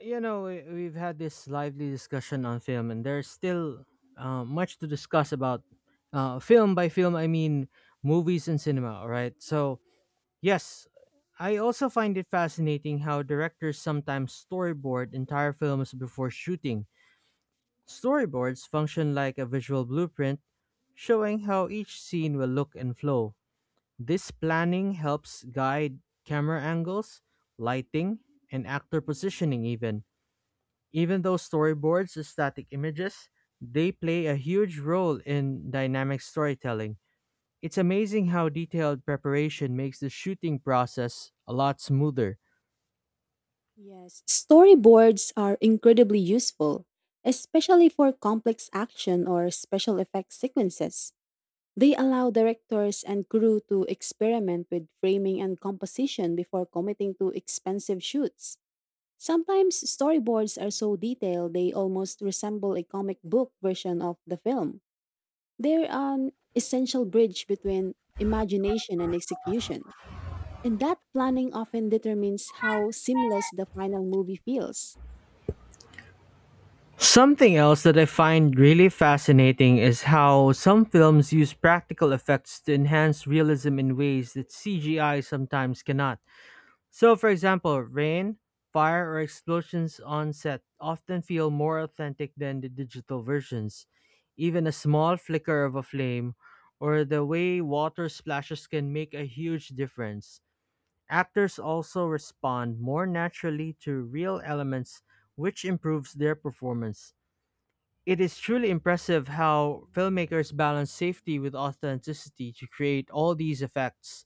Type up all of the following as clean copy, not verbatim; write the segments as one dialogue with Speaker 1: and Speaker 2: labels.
Speaker 1: We've had this lively discussion on film, and there's still much to discuss about film by film. I mean movies and cinema. All right, so yes, I also find it fascinating how directors sometimes storyboard entire films before shooting. Storyboards function like a visual blueprint, showing how each scene will look and flow. This planning helps guide camera angles, lighting, and actor positioning. Even though storyboards are static images, they play a huge role in dynamic storytelling. It's amazing how detailed preparation makes the shooting process a lot smoother.
Speaker 2: Yes, storyboards are incredibly useful, especially for complex action or special effects sequences. They allow directors and crew to experiment with framing and composition before committing to expensive shoots. Sometimes storyboards are so detailed they almost resemble a comic book version of the film. They're an essential bridge between imagination and execution. And that planning often determines how seamless the final movie feels.
Speaker 1: Something else that I find really fascinating is how some films use practical effects to enhance realism in ways that CGI sometimes cannot. So, for example, rain, fire, or explosions on set often feel more authentic than the digital versions. Even a small flicker of a flame or the way water splashes can make a huge difference. Actors also respond more naturally to real elements, which improves their performance. It is truly impressive how filmmakers balance safety with authenticity to create all these effects.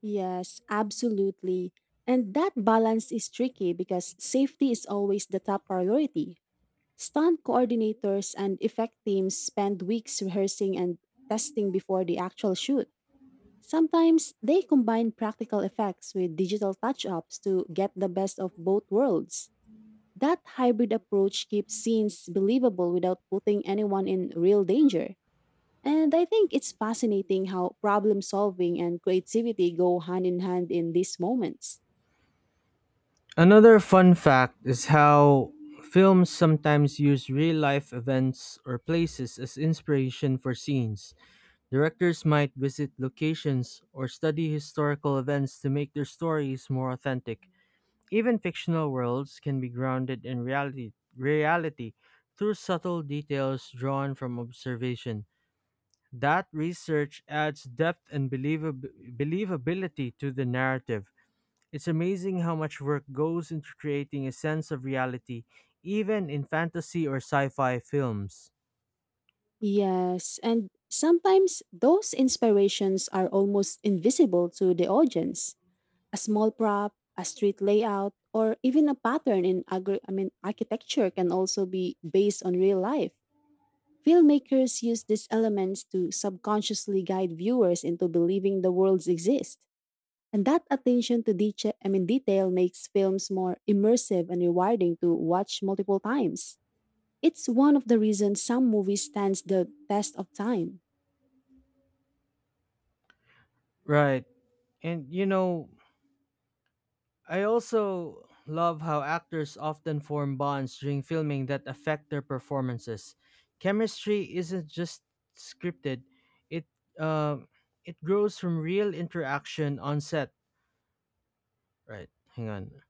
Speaker 2: Yes, absolutely. And that balance is tricky because safety is always the top priority. Stunt coordinators and effect teams spend weeks rehearsing and testing before the actual shoot. Sometimes they combine practical effects with digital touch ups to get the best of both worlds. That hybrid approach keeps scenes believable without putting anyone in real danger. And I think it's fascinating how problem solving and creativity go hand in hand in these moments.
Speaker 1: Another fun fact is how films sometimes use real life events or places as inspiration for scenes. Directors might visit locations or study historical events to make their stories more authentic. Even fictional worlds can be grounded in reality through subtle details drawn from observation. That research adds depth and believability to the narrative. It's amazing how much work goes into creating a sense of reality, even in fantasy or sci fi films.
Speaker 2: Yes, and sometimes those inspirations are almost invisible to the audience. A small prop, a street layout, or even a pattern in architecture can also be based on real life. Filmmakers use these elements to subconsciously guide viewers into believing the worlds exist. And that attention to detail makes films more immersive and rewarding to watch multiple times. It's one of the reasons some movies stands the test of time.
Speaker 1: Right. And you know, I also love how actors often form bonds during filming that affect their performances. Chemistry isn't just scripted, it, uh, it grows from real interaction on set. Right. Hang on.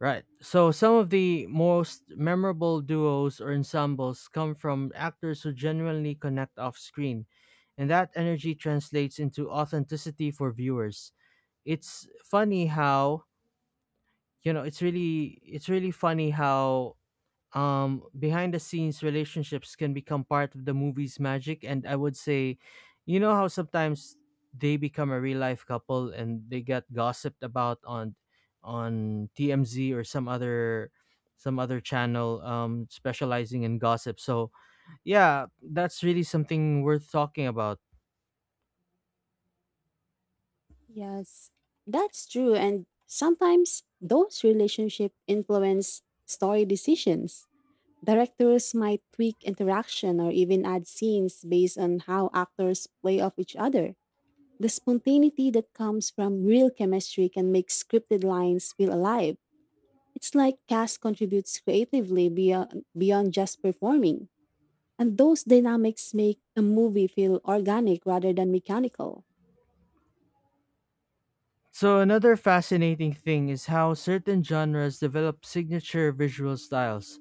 Speaker 1: Right. So some of the most memorable duos or ensembles come from actors who genuinely connect off screen, and that energy translates into authenticity for viewers. It's funny how, it's really funny how behind the scenes relationships can become part of the movie's magic. And I would say, you know, how sometimes they become a real life couple and they get gossiped about on TMZ or some other, some other channel specializing in gossip. So yeah, that's really something worth talking about.
Speaker 2: Yes, that's true. And sometimes those relationships influence story decisions. Directors might tweak interaction or even add scenes based on how actors play off each other. The spontaneity that comes from real chemistry can make scripted lines feel alive. It's like cast contributes creatively beyond just performing, and those dynamics make a movie feel organic rather than mechanical.
Speaker 1: So another fascinating thing is how certain genres develop signature visual styles.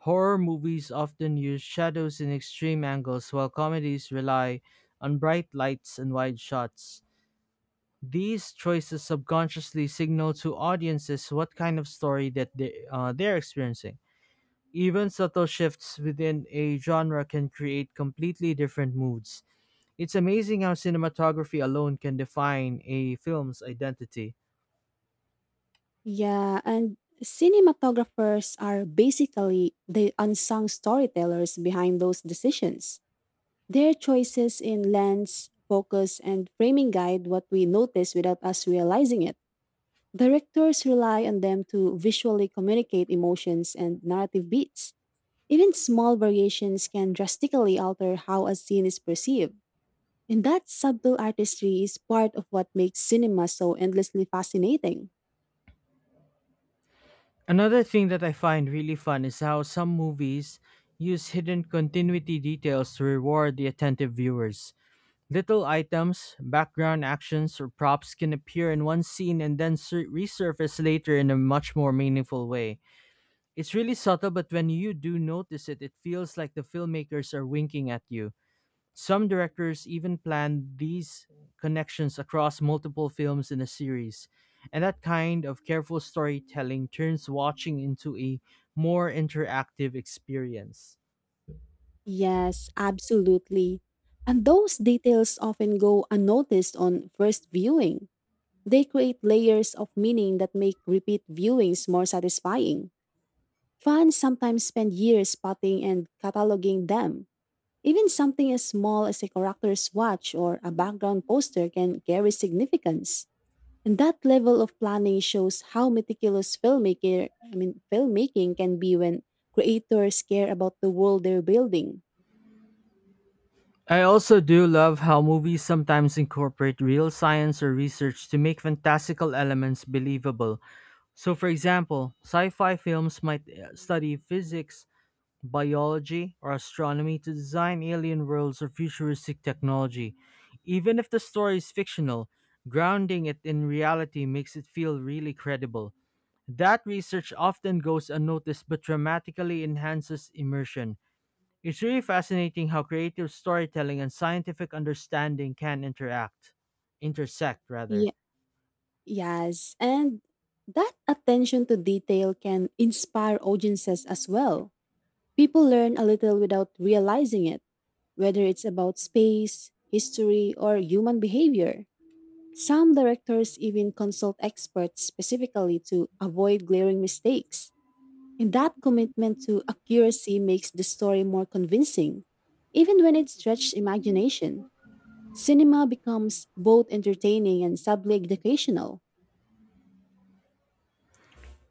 Speaker 1: Horror movies often use shadows in extreme angles, while comedies rely on bright lights and wide shots. These choices subconsciously signal to audiences what kind of story they're experiencing. Even subtle shifts within a genre can create completely different moods. It's amazing how cinematography alone can define a film's identity.
Speaker 2: Yeah, and cinematographers are basically the unsung storytellers behind those decisions. Their choices in lens, focus, and framing guide what we notice without us realizing it. Directors rely on them to visually communicate emotions and narrative beats. Even small variations can drastically alter how a scene is perceived, and that subtle artistry is part of what makes cinema so endlessly fascinating.
Speaker 1: Another thing that I find really fun is how some movies use hidden continuity details to reward the attentive viewers. Little items, background actions, or props can appear in one scene and then resurface later in a much more meaningful way. It's really subtle, but when you do notice it, it feels like the filmmakers are winking at you. Some directors even planned these connections across multiple films in a series, and that kind of careful storytelling turns watching into a more interactive experience.
Speaker 2: Yes, absolutely. And those details often go unnoticed on first viewing. They create layers of meaning that make repeat viewings more satisfying. Fans sometimes spend years spotting and cataloging them. Even something as small as a character's watch or a background poster can carry significance. And that level of planning shows how meticulous filmmaking can be when creators care about the world they're building.
Speaker 1: I also do love how movies sometimes incorporate real science or research to make fantastical elements believable. So, for example, sci fi films might study physics, biology, or astronomy to design alien worlds or futuristic technology. Even if the story is fictional, grounding it in reality makes it feel really credible. That research often goes unnoticed but dramatically enhances immersion. It's really fascinating how creative storytelling and scientific understanding can intersect rather.
Speaker 2: Yeah, yes, and that attention to detail can inspire audiences as well. People learn a little without realizing it, whether it's about space, history, or human behavior. Some directors even consult experts specifically to avoid glaring mistakes. And that commitment to accuracy makes the story more convincing. Even when it stretches imagination, cinema becomes both entertaining and subtly educational.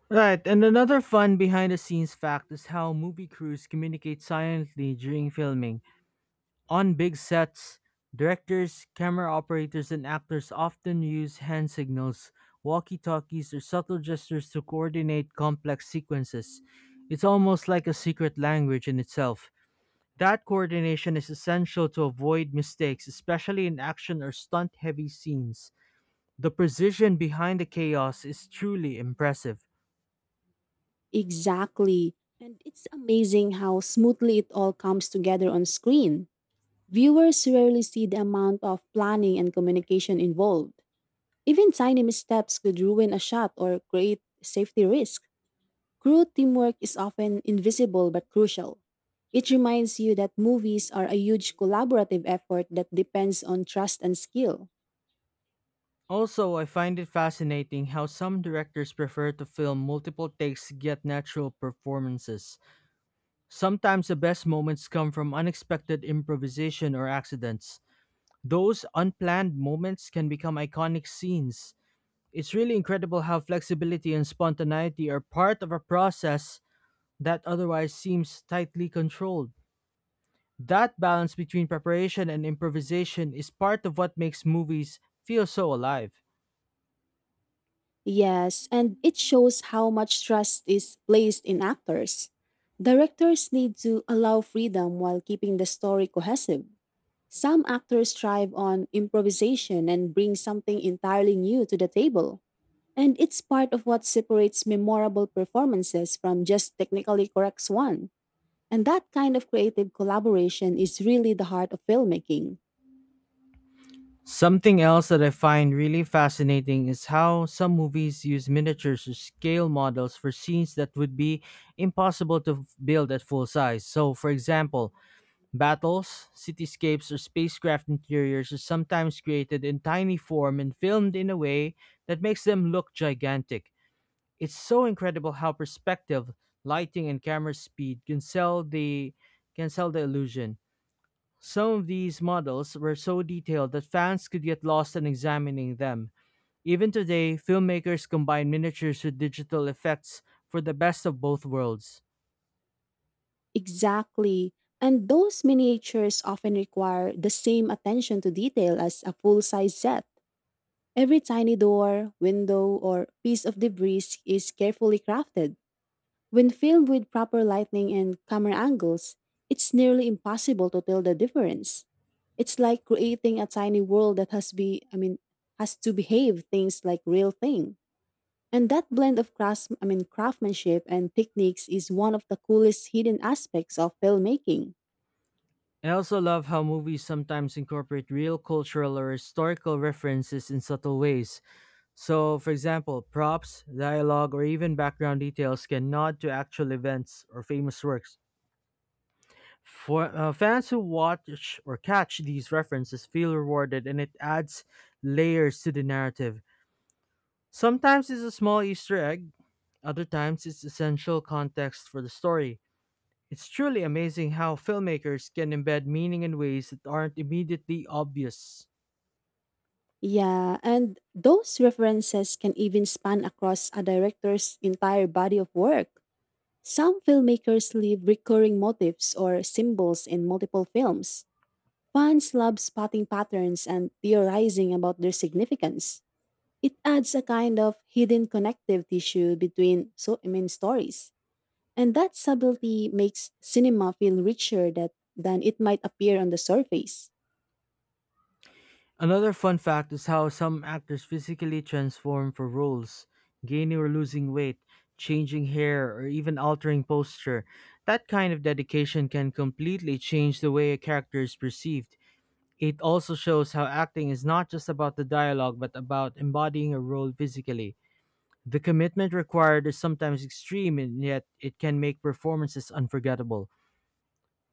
Speaker 1: Right, and another fun behind the scenes fact is how movie crews communicate silently during filming. On big sets, directors, camera operators, and actors often use hand signals, walkie talkies, or subtle gestures to coordinate complex sequences. It's almost like a secret language in itself. That coordination is essential to avoid mistakes, especially in action or stunt heavy scenes. The precision behind the chaos is truly impressive.
Speaker 2: Exactly. And it's amazing how smoothly it all comes together on screen. Viewers rarely see the amount of planning and communication involved. Even tiny missteps could ruin a shot or create safety risk. Crew teamwork is often invisible but crucial. It reminds you that movies are a huge collaborative effort that depends on trust and skill.
Speaker 1: Also, I find it fascinating how some directors prefer to film multiple takes to get natural performances. Sometimes the best moments come from unexpected improvisation or accidents. Those unplanned moments can become iconic scenes. It's really incredible how flexibility and spontaneity are part of a process that otherwise seems tightly controlled. That balance between preparation and improvisation is part of what makes movies feel so alive.
Speaker 2: Yes, and it shows how much trust is placed in actors. Directors need to allow freedom while keeping the story cohesive. Some actors thrive on improvisation and bring something entirely new to the table. And it's part of what separates memorable performances from just technically correct ones. And that kind of creative collaboration is really the heart of filmmaking.
Speaker 1: Something else that I find really fascinating is how some movies use miniatures or scale models for scenes that would be impossible to build at full size. So, for example, battles, cityscapes, or spacecraft interiors are sometimes created in tiny form and filmed in a way that makes them look gigantic. It's so incredible how perspective, lighting, and camera speed can sell the illusion. Some of these models were so detailed that fans could get lost in examining them. Even today, filmmakers combine miniatures with digital effects for the best of both worlds.
Speaker 2: Exactly. And those miniatures often require the same attention to detail as a full size set. Every tiny door, window, or piece of debris is carefully crafted. When filmed with proper lighting and camera angles, it's nearly impossible to tell the difference. It's like creating a tiny world that has be I mean has to behave things like real thing. And that blend of craftsmanship and techniques is one of the coolest hidden aspects of filmmaking.
Speaker 1: I also love how movies sometimes incorporate real cultural or historical references in subtle ways. So, for example, props, dialogue, or even background details can nod to actual events or famous works. For fans who watch or catch these references, feel rewarded, and it adds layers to the narrative. Sometimes it's a small Easter egg, other times it's essential context for the story. It's truly amazing how filmmakers can embed meaning in ways that aren't immediately obvious.
Speaker 2: Yeah, and those references can even span across a director's entire body of work. Some filmmakers leave recurring motifs or symbols in multiple films. Fans love spotting patterns and theorizing about their significance. It adds a kind of hidden connective tissue between stories. And that subtlety makes cinema feel richer than it might appear on the surface.
Speaker 1: Another fun fact is how some actors physically transform for roles, gaining or losing weight, changing hair, or even altering posture. That kind of dedication can completely change the way a character is perceived. It also shows how acting is not just about the dialogue but about embodying a role physically. The commitment required is sometimes extreme, and yet it can make performances unforgettable.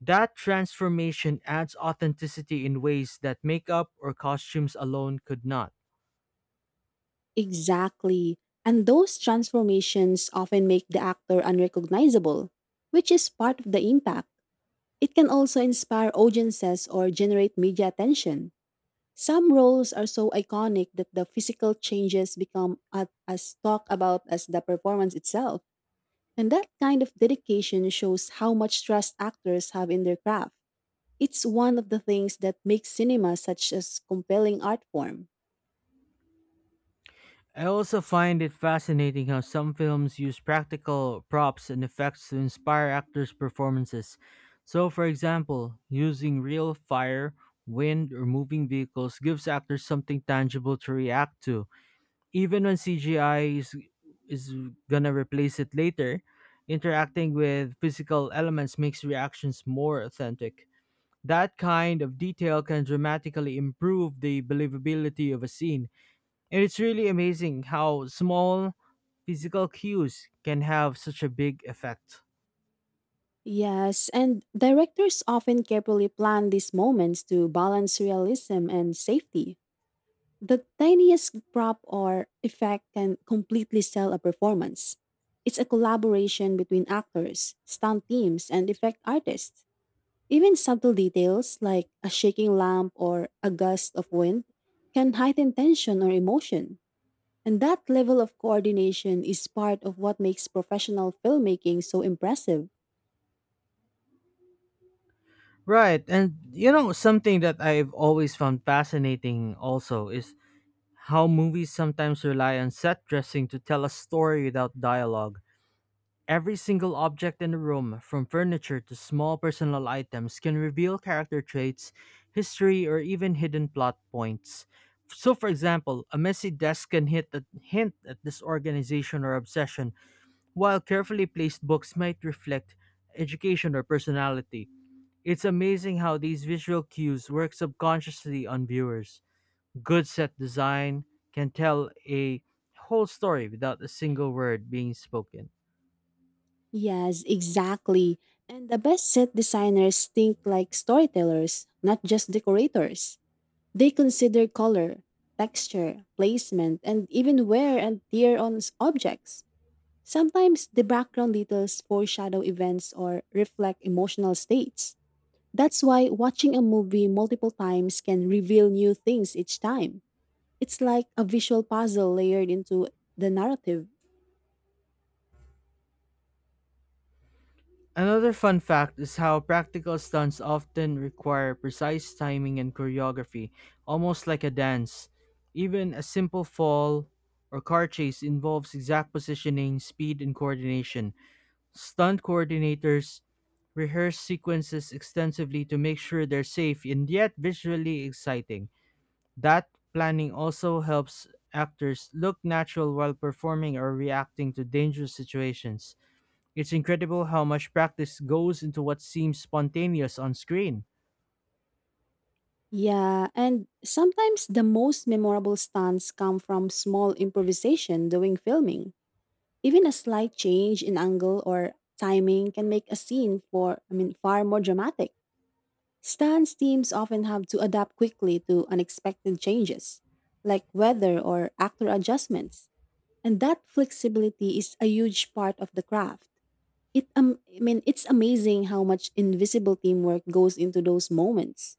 Speaker 1: That transformation adds authenticity in ways that makeup or costumes alone could not.
Speaker 2: Exactly. And those transformations often make the actor unrecognizable, which is part of the impact. It can also inspire audiences or generate media attention. Some roles are so iconic that the physical changes become as talked about as the performance itself. And that kind of dedication shows how much trust actors have in their craft. It's one of the things that makes cinema such a compelling art form.
Speaker 1: I also find it fascinating how some films use practical props and effects to inspire actors' performances. So, for example, using real fire, wind, or moving vehicles gives actors something tangible to react to even when CGI is gonna replace it later. Interacting with physical elements makes reactions more authentic. That kind of detail can dramatically improve the believability of a scene. And it's really amazing how small physical cues can have such a big effect.
Speaker 2: Yes, and directors often carefully plan these moments to balance realism and safety. The tiniest prop or effect can completely sell a performance. It's a collaboration between actors, stunt teams, and effect artists. Even subtle details like a shaking lamp or a gust of wind can heighten tension or emotion. And that level of coordination is part of what makes professional filmmaking so impressive.
Speaker 1: Right. And you know, something that I've always found fascinating also is how movies sometimes rely on set dressing to tell a story without dialogue. Every single object in the room, from furniture to small personal items, can reveal character traits, history, or even hidden plot points. So, for example, a messy desk can hit a hint at disorganization or obsession, while carefully placed books might reflect education or personality. It's amazing how these visual cues work subconsciously on viewers. Good set design can tell a whole story without a single word being spoken.
Speaker 2: Yes, exactly. And the best set designers think like storytellers, not just decorators. They consider color, texture, placement, and even wear and tear on objects. Sometimes the background details foreshadow events or reflect emotional states. That's why watching a movie multiple times can reveal new things each time. It's like a visual puzzle layered into the narrative.
Speaker 1: Another fun fact is how practical stunts often require precise timing and choreography, almost like a dance. Even a simple fall or car chase involves exact positioning, speed, and coordination. Stunt coordinators rehearse sequences extensively to make sure they're safe and yet visually exciting. That planning also helps actors look natural while performing or reacting to dangerous situations. It's incredible how much practice goes into what seems spontaneous on screen.
Speaker 2: Yeah, and sometimes the most memorable stunts come from small improvisation during filming. Even a slight change in angle or timing can make a scene for I mean far more dramatic. Stunts teams often have to adapt quickly to unexpected changes, like weather or actor adjustments. And that flexibility is a huge part of the craft. It I mean it's amazing how much invisible teamwork goes into those moments.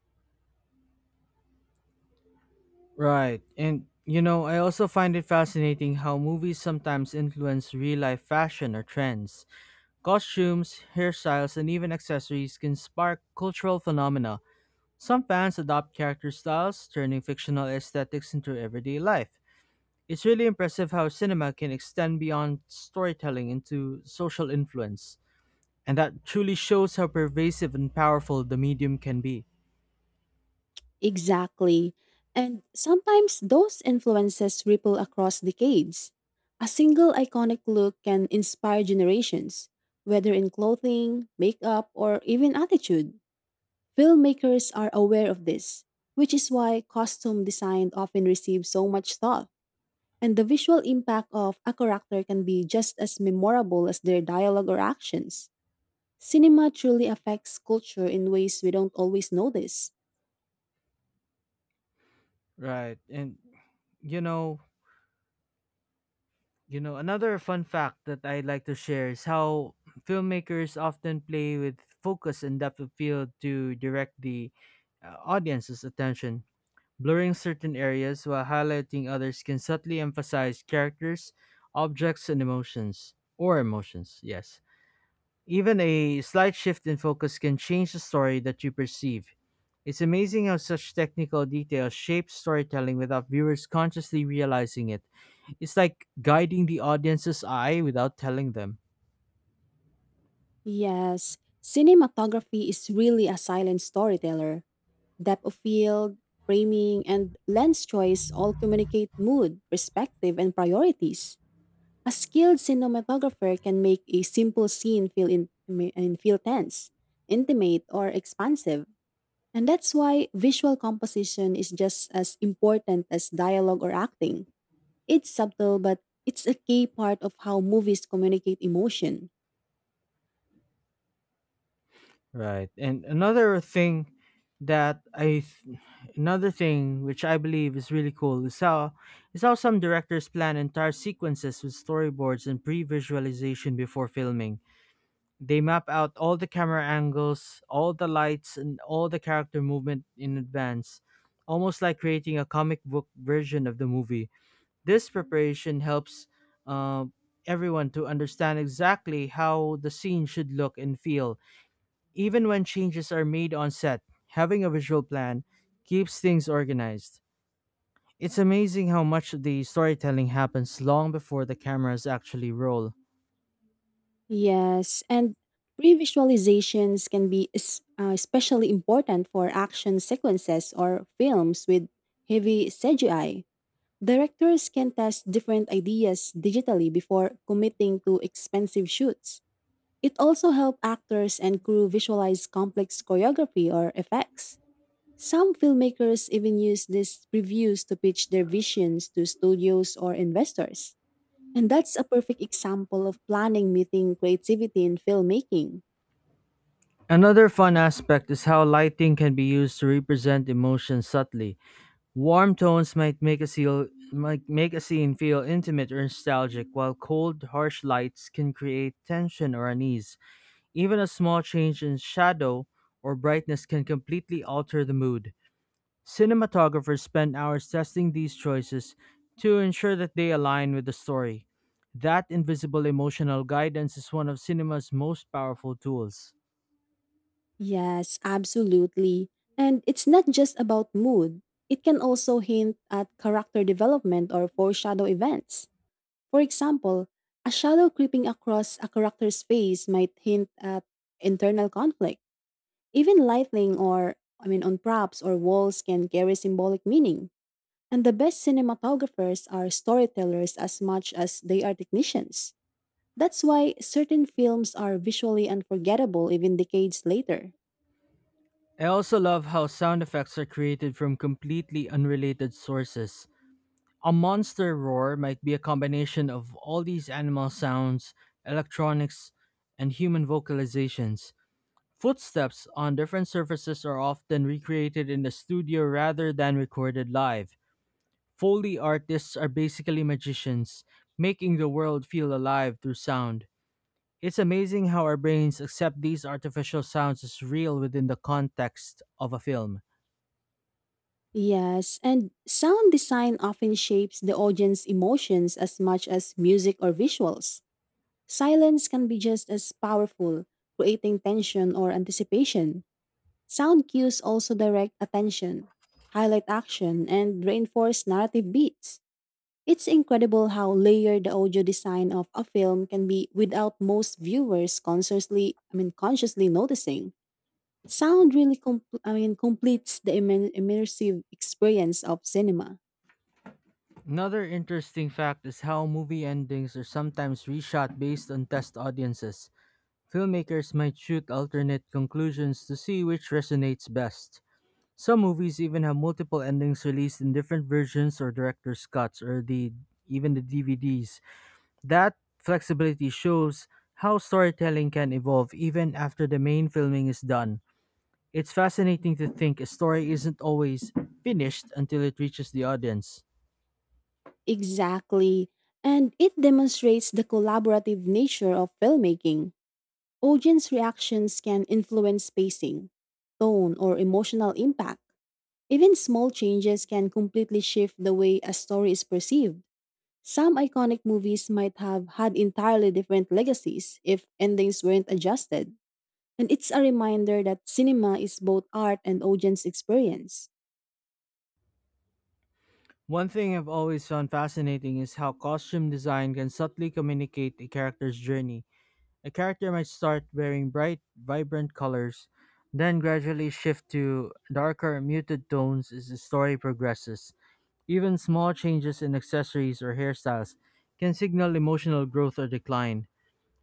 Speaker 1: Right. And you know, I also find it fascinating how movies sometimes influence real life fashion or trends. Costumes, hairstyles, and even accessories can spark cultural phenomena. Some fans adopt character styles, turning fictional aesthetics into everyday life. It's really impressive how cinema can extend beyond storytelling into social influence, and that truly shows how pervasive and powerful the medium can be.
Speaker 2: Exactly. And sometimes those influences ripple across decades. A single iconic look can inspire generations, whether in clothing, makeup, or even attitude. Filmmakers are aware of this, which is why costume design often receives so much thought. And the visual impact of a character can be just as memorable as their dialogue or actions. Cinema truly affects culture in ways we don't always notice.
Speaker 1: Right. And you know, another fun fact that I'd like to share is how filmmakers often play with focus and depth of field to direct the audience's attention. Blurring certain areas while highlighting others can subtly emphasize characters, objects, and emotions. Or emotions, yes. Even a slight shift in focus can change the story that you perceive. It's amazing how such technical details shape storytelling without viewers consciously realizing it. It's like guiding the audience's eye without telling them.
Speaker 2: Yes, cinematography is really a silent storyteller. Depth of field, framing, and lens choice all communicate mood, perspective, and priorities. A skilled cinematographer can make a simple scene feel in, and feel tense, intimate, or expansive. And that's why visual composition is just as important as dialogue or acting. It's subtle, but it's a key part of how movies communicate emotion.
Speaker 1: Right. And that I th- another thing which I believe is really cool is how some directors plan entire sequences with storyboards and pre-visualization before filming. They map out all the camera angles, all the lights, and all the character movement in advance, almost like creating a comic book version of the movie. This preparation helps uh, everyone to understand exactly how the scene should look and feel. Even when changes are made on set, having a visual plan keeps things organized. It's amazing how much the storytelling happens long before the cameras actually roll.
Speaker 2: Yes, and pre-visualizations can be especially important for action sequences or films with heavy CGI. Directors can test different ideas digitally before committing to expensive shoots. It also helps actors and crew visualize complex choreography or effects. Some filmmakers even use these reviews to pitch their visions to studios or investors. And that's a perfect example of planning meeting creativity in filmmaking.
Speaker 1: Another fun aspect is how lighting can be used to represent emotion subtly. Warm tones might make a scene feel intimate or nostalgic, while cold, harsh lights can create tension or unease. Even a small change in shadow or brightness can completely alter the mood. Cinematographers spend hours testing these choices to ensure that they align with the story. That invisible emotional guidance is one of cinema's most powerful tools.
Speaker 2: Yes, absolutely. And it's not just about mood, it can also hint at character development or foreshadow events. For example, a shadow creeping across a character's face might hint at internal conflict. Even lighting, or, I mean, on props or walls can carry symbolic meaning. And the best cinematographers are storytellers as much as they are technicians. That's why certain films are visually unforgettable even decades later.
Speaker 1: I also love how sound effects are created from completely unrelated sources. A monster roar might be a combination of all these animal sounds, electronics, and human vocalizations. Footsteps on different surfaces are often recreated in the studio rather than recorded live. Foley artists are basically magicians, making the world feel alive through sound. It's amazing how our brains accept these artificial sounds as real within the context of a film.
Speaker 2: Yes, and sound design often shapes the audience emotions as much as music or visuals. Silence can be just as powerful, creating tension or anticipation. Sound cues also direct attention, highlight action, and reinforce narrative beats. It's incredible how layered the audio design of a film can be without most viewers consciously noticing. Sound really, completes the immersive experience of cinema.
Speaker 1: Another interesting fact is how movie endings are sometimes reshot based on test audiences. Filmmakers might shoot alternate conclusions to see which resonates best. Some movies even have multiple endings released in different versions or director's cuts, or the even the DVDs. That flexibility shows how storytelling can evolve even after the main filming is done. It's fascinating to think a story isn't always finished until it reaches the audience.
Speaker 2: Exactly, and it demonstrates the collaborative nature of filmmaking. Audience reactions can influence pacing, tone, or emotional impact. Even small changes can completely shift the way a story is perceived. Some iconic movies might have had entirely different legacies if endings weren't adjusted. And it's a reminder that cinema is both art and audience experience.
Speaker 1: One thing I've always found fascinating is how costume design can subtly communicate a character's journey. A character might start wearing bright, vibrant colors, then gradually shift to darker, muted tones as the story progresses. Even small changes in accessories or hairstyles can signal emotional growth or decline.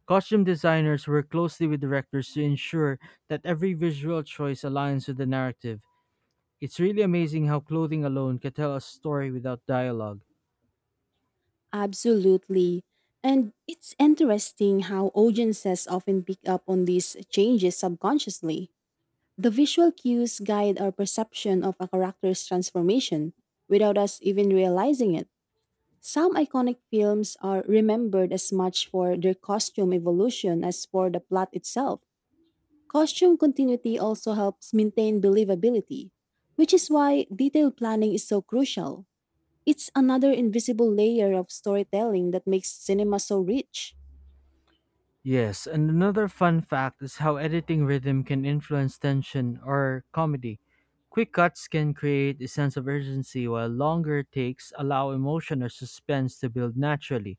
Speaker 1: Costume designers work closely with directors to ensure that every visual choice aligns with the narrative. It's really amazing how clothing alone can tell a story without dialogue.
Speaker 2: Absolutely. And it's interesting how audiences often pick up on these changes subconsciously. The visual cues guide our perception of a character's transformation without us even realizing it. Some iconic films are remembered as much for their costume evolution as for the plot itself. Costume continuity also helps maintain believability, which is why detailed planning is so crucial. It's another invisible layer of storytelling that makes cinema so rich.
Speaker 1: Yes, and another fun fact is how editing rhythm can influence tension or comedy. Quick cuts can create a sense of urgency, while longer takes allow emotion or suspense to build naturally.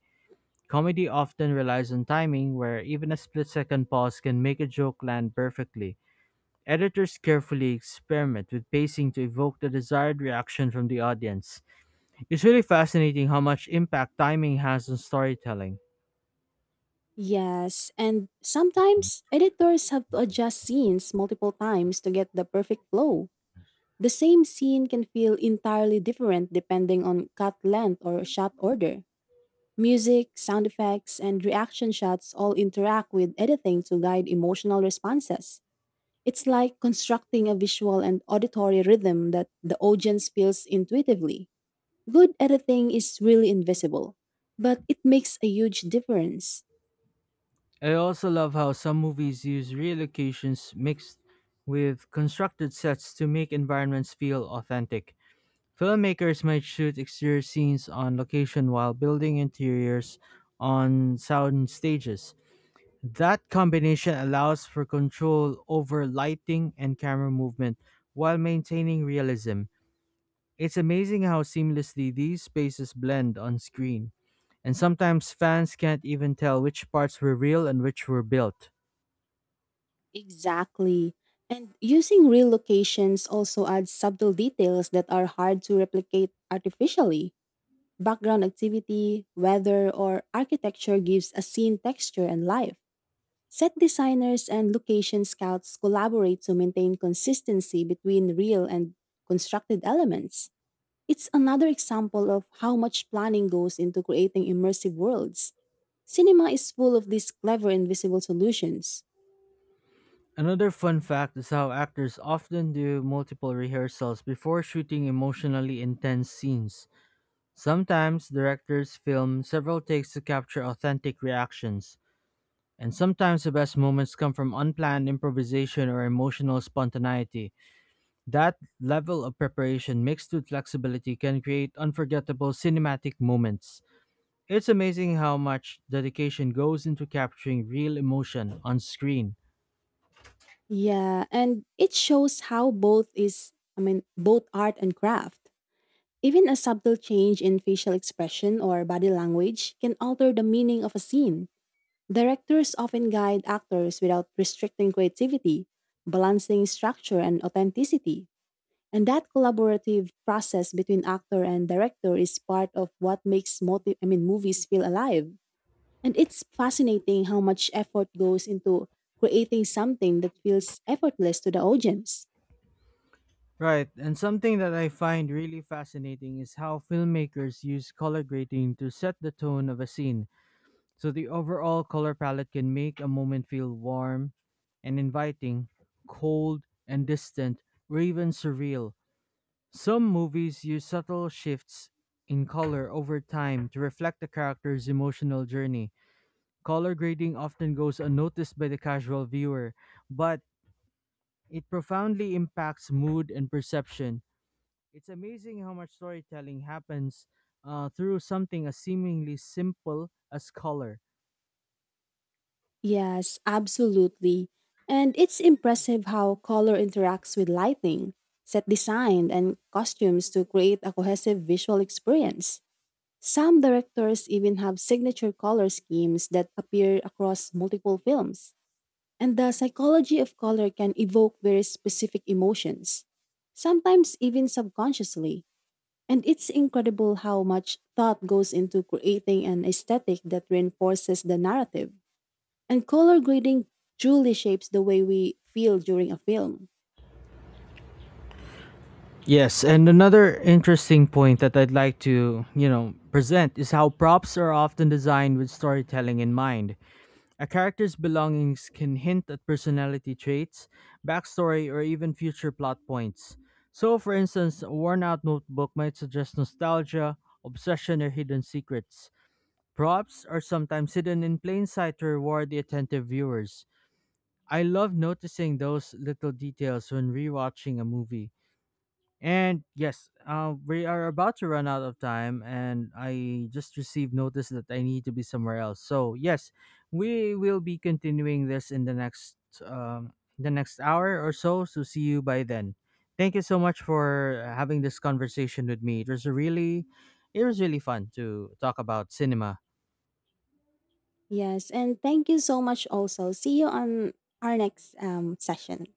Speaker 1: Comedy often relies on timing, where even a split second pause can make a joke land perfectly. Editors carefully experiment with pacing to evoke the desired reaction from the audience. It's really fascinating how much impact timing has on storytelling.
Speaker 2: Yes, and sometimes editors have to adjust scenes multiple times to get the perfect flow. The same scene can feel entirely different depending on cut length or shot order. Music, sound effects, and reaction shots all interact with editing to guide emotional responses. It's like constructing a visual and auditory rhythm that the audience feels intuitively. Good editing is really invisible, but it makes a huge difference.
Speaker 1: I also love how some movies use real locations mixed with constructed sets to make environments feel authentic. Filmmakers might shoot exterior scenes on location while building interiors on sound stages. That combination allows for control over lighting and camera movement while maintaining realism. It's amazing how seamlessly these spaces blend on screen, and sometimes fans can't even tell which parts were real and which were built.
Speaker 2: Exactly. And using real locations also adds subtle details that are hard to replicate artificially. Background activity, weather, or architecture gives a scene texture and life. Set designers and location scouts collaborate to maintain consistency between real and constructed elements. It's another example of how much planning goes into creating immersive worlds. Cinema is full of these clever invisible solutions.
Speaker 1: Another fun fact is how actors often do multiple rehearsals before shooting emotionally intense scenes. Sometimes directors film several takes to capture authentic reactions. And sometimes the best moments come from unplanned improvisation or emotional spontaneity. That level of preparation mixed with flexibility can create unforgettable cinematic moments. It's amazing how much dedication goes into capturing real emotion on screen.
Speaker 2: Yeah, and it shows how both is, I mean, both art and craft. Even a subtle change in facial expression or body language can alter the meaning of a scene. Directors often guide actors without restricting creativity, balancing structure and authenticity. And that collaborative process between actor and director is part of what makes movies feel alive. And it's fascinating how much effort goes into creating something that feels effortless to the audience.
Speaker 1: Right, and something that I find really fascinating is how filmmakers use color grading to set the tone of a scene. So the overall color palette can make a moment feel warm and inviting, cold and distant, or even surreal. Some movies use subtle shifts in color over time to reflect the character's emotional journey. Color grading often goes unnoticed by the casual viewer, but it profoundly impacts mood and perception. It's amazing how much storytelling happens through something as seemingly simple as color.
Speaker 2: Yes, absolutely. And it's impressive how color interacts with lighting, set design, and costumes to create a cohesive visual experience. Some directors even have signature color schemes that appear across multiple films, and the psychology of color can evoke very specific emotions, sometimes even subconsciously. And it's incredible how much thought goes into creating an aesthetic that reinforces the narrative. And color grading truly shapes the way we feel during a film.
Speaker 1: Yes, and another interesting point that I'd like to present is how props are often designed with storytelling in mind. A character's belongings can hint at personality traits, backstory, or even future plot points. So, for instance, a worn out notebook might suggest nostalgia, obsession, or hidden secrets. Props are sometimes hidden in plain sight to reward the attentive viewers. I love noticing those little details when rewatching a movie, and yes, we are about to run out of time, and I just received notice that I need to be somewhere else. So yes, we will be continuing this in the next hour or so. So see you by then. Thank you so much for having this conversation with me. It was really fun to talk about cinema.
Speaker 2: Yes, and thank you so much also. See you on our next session.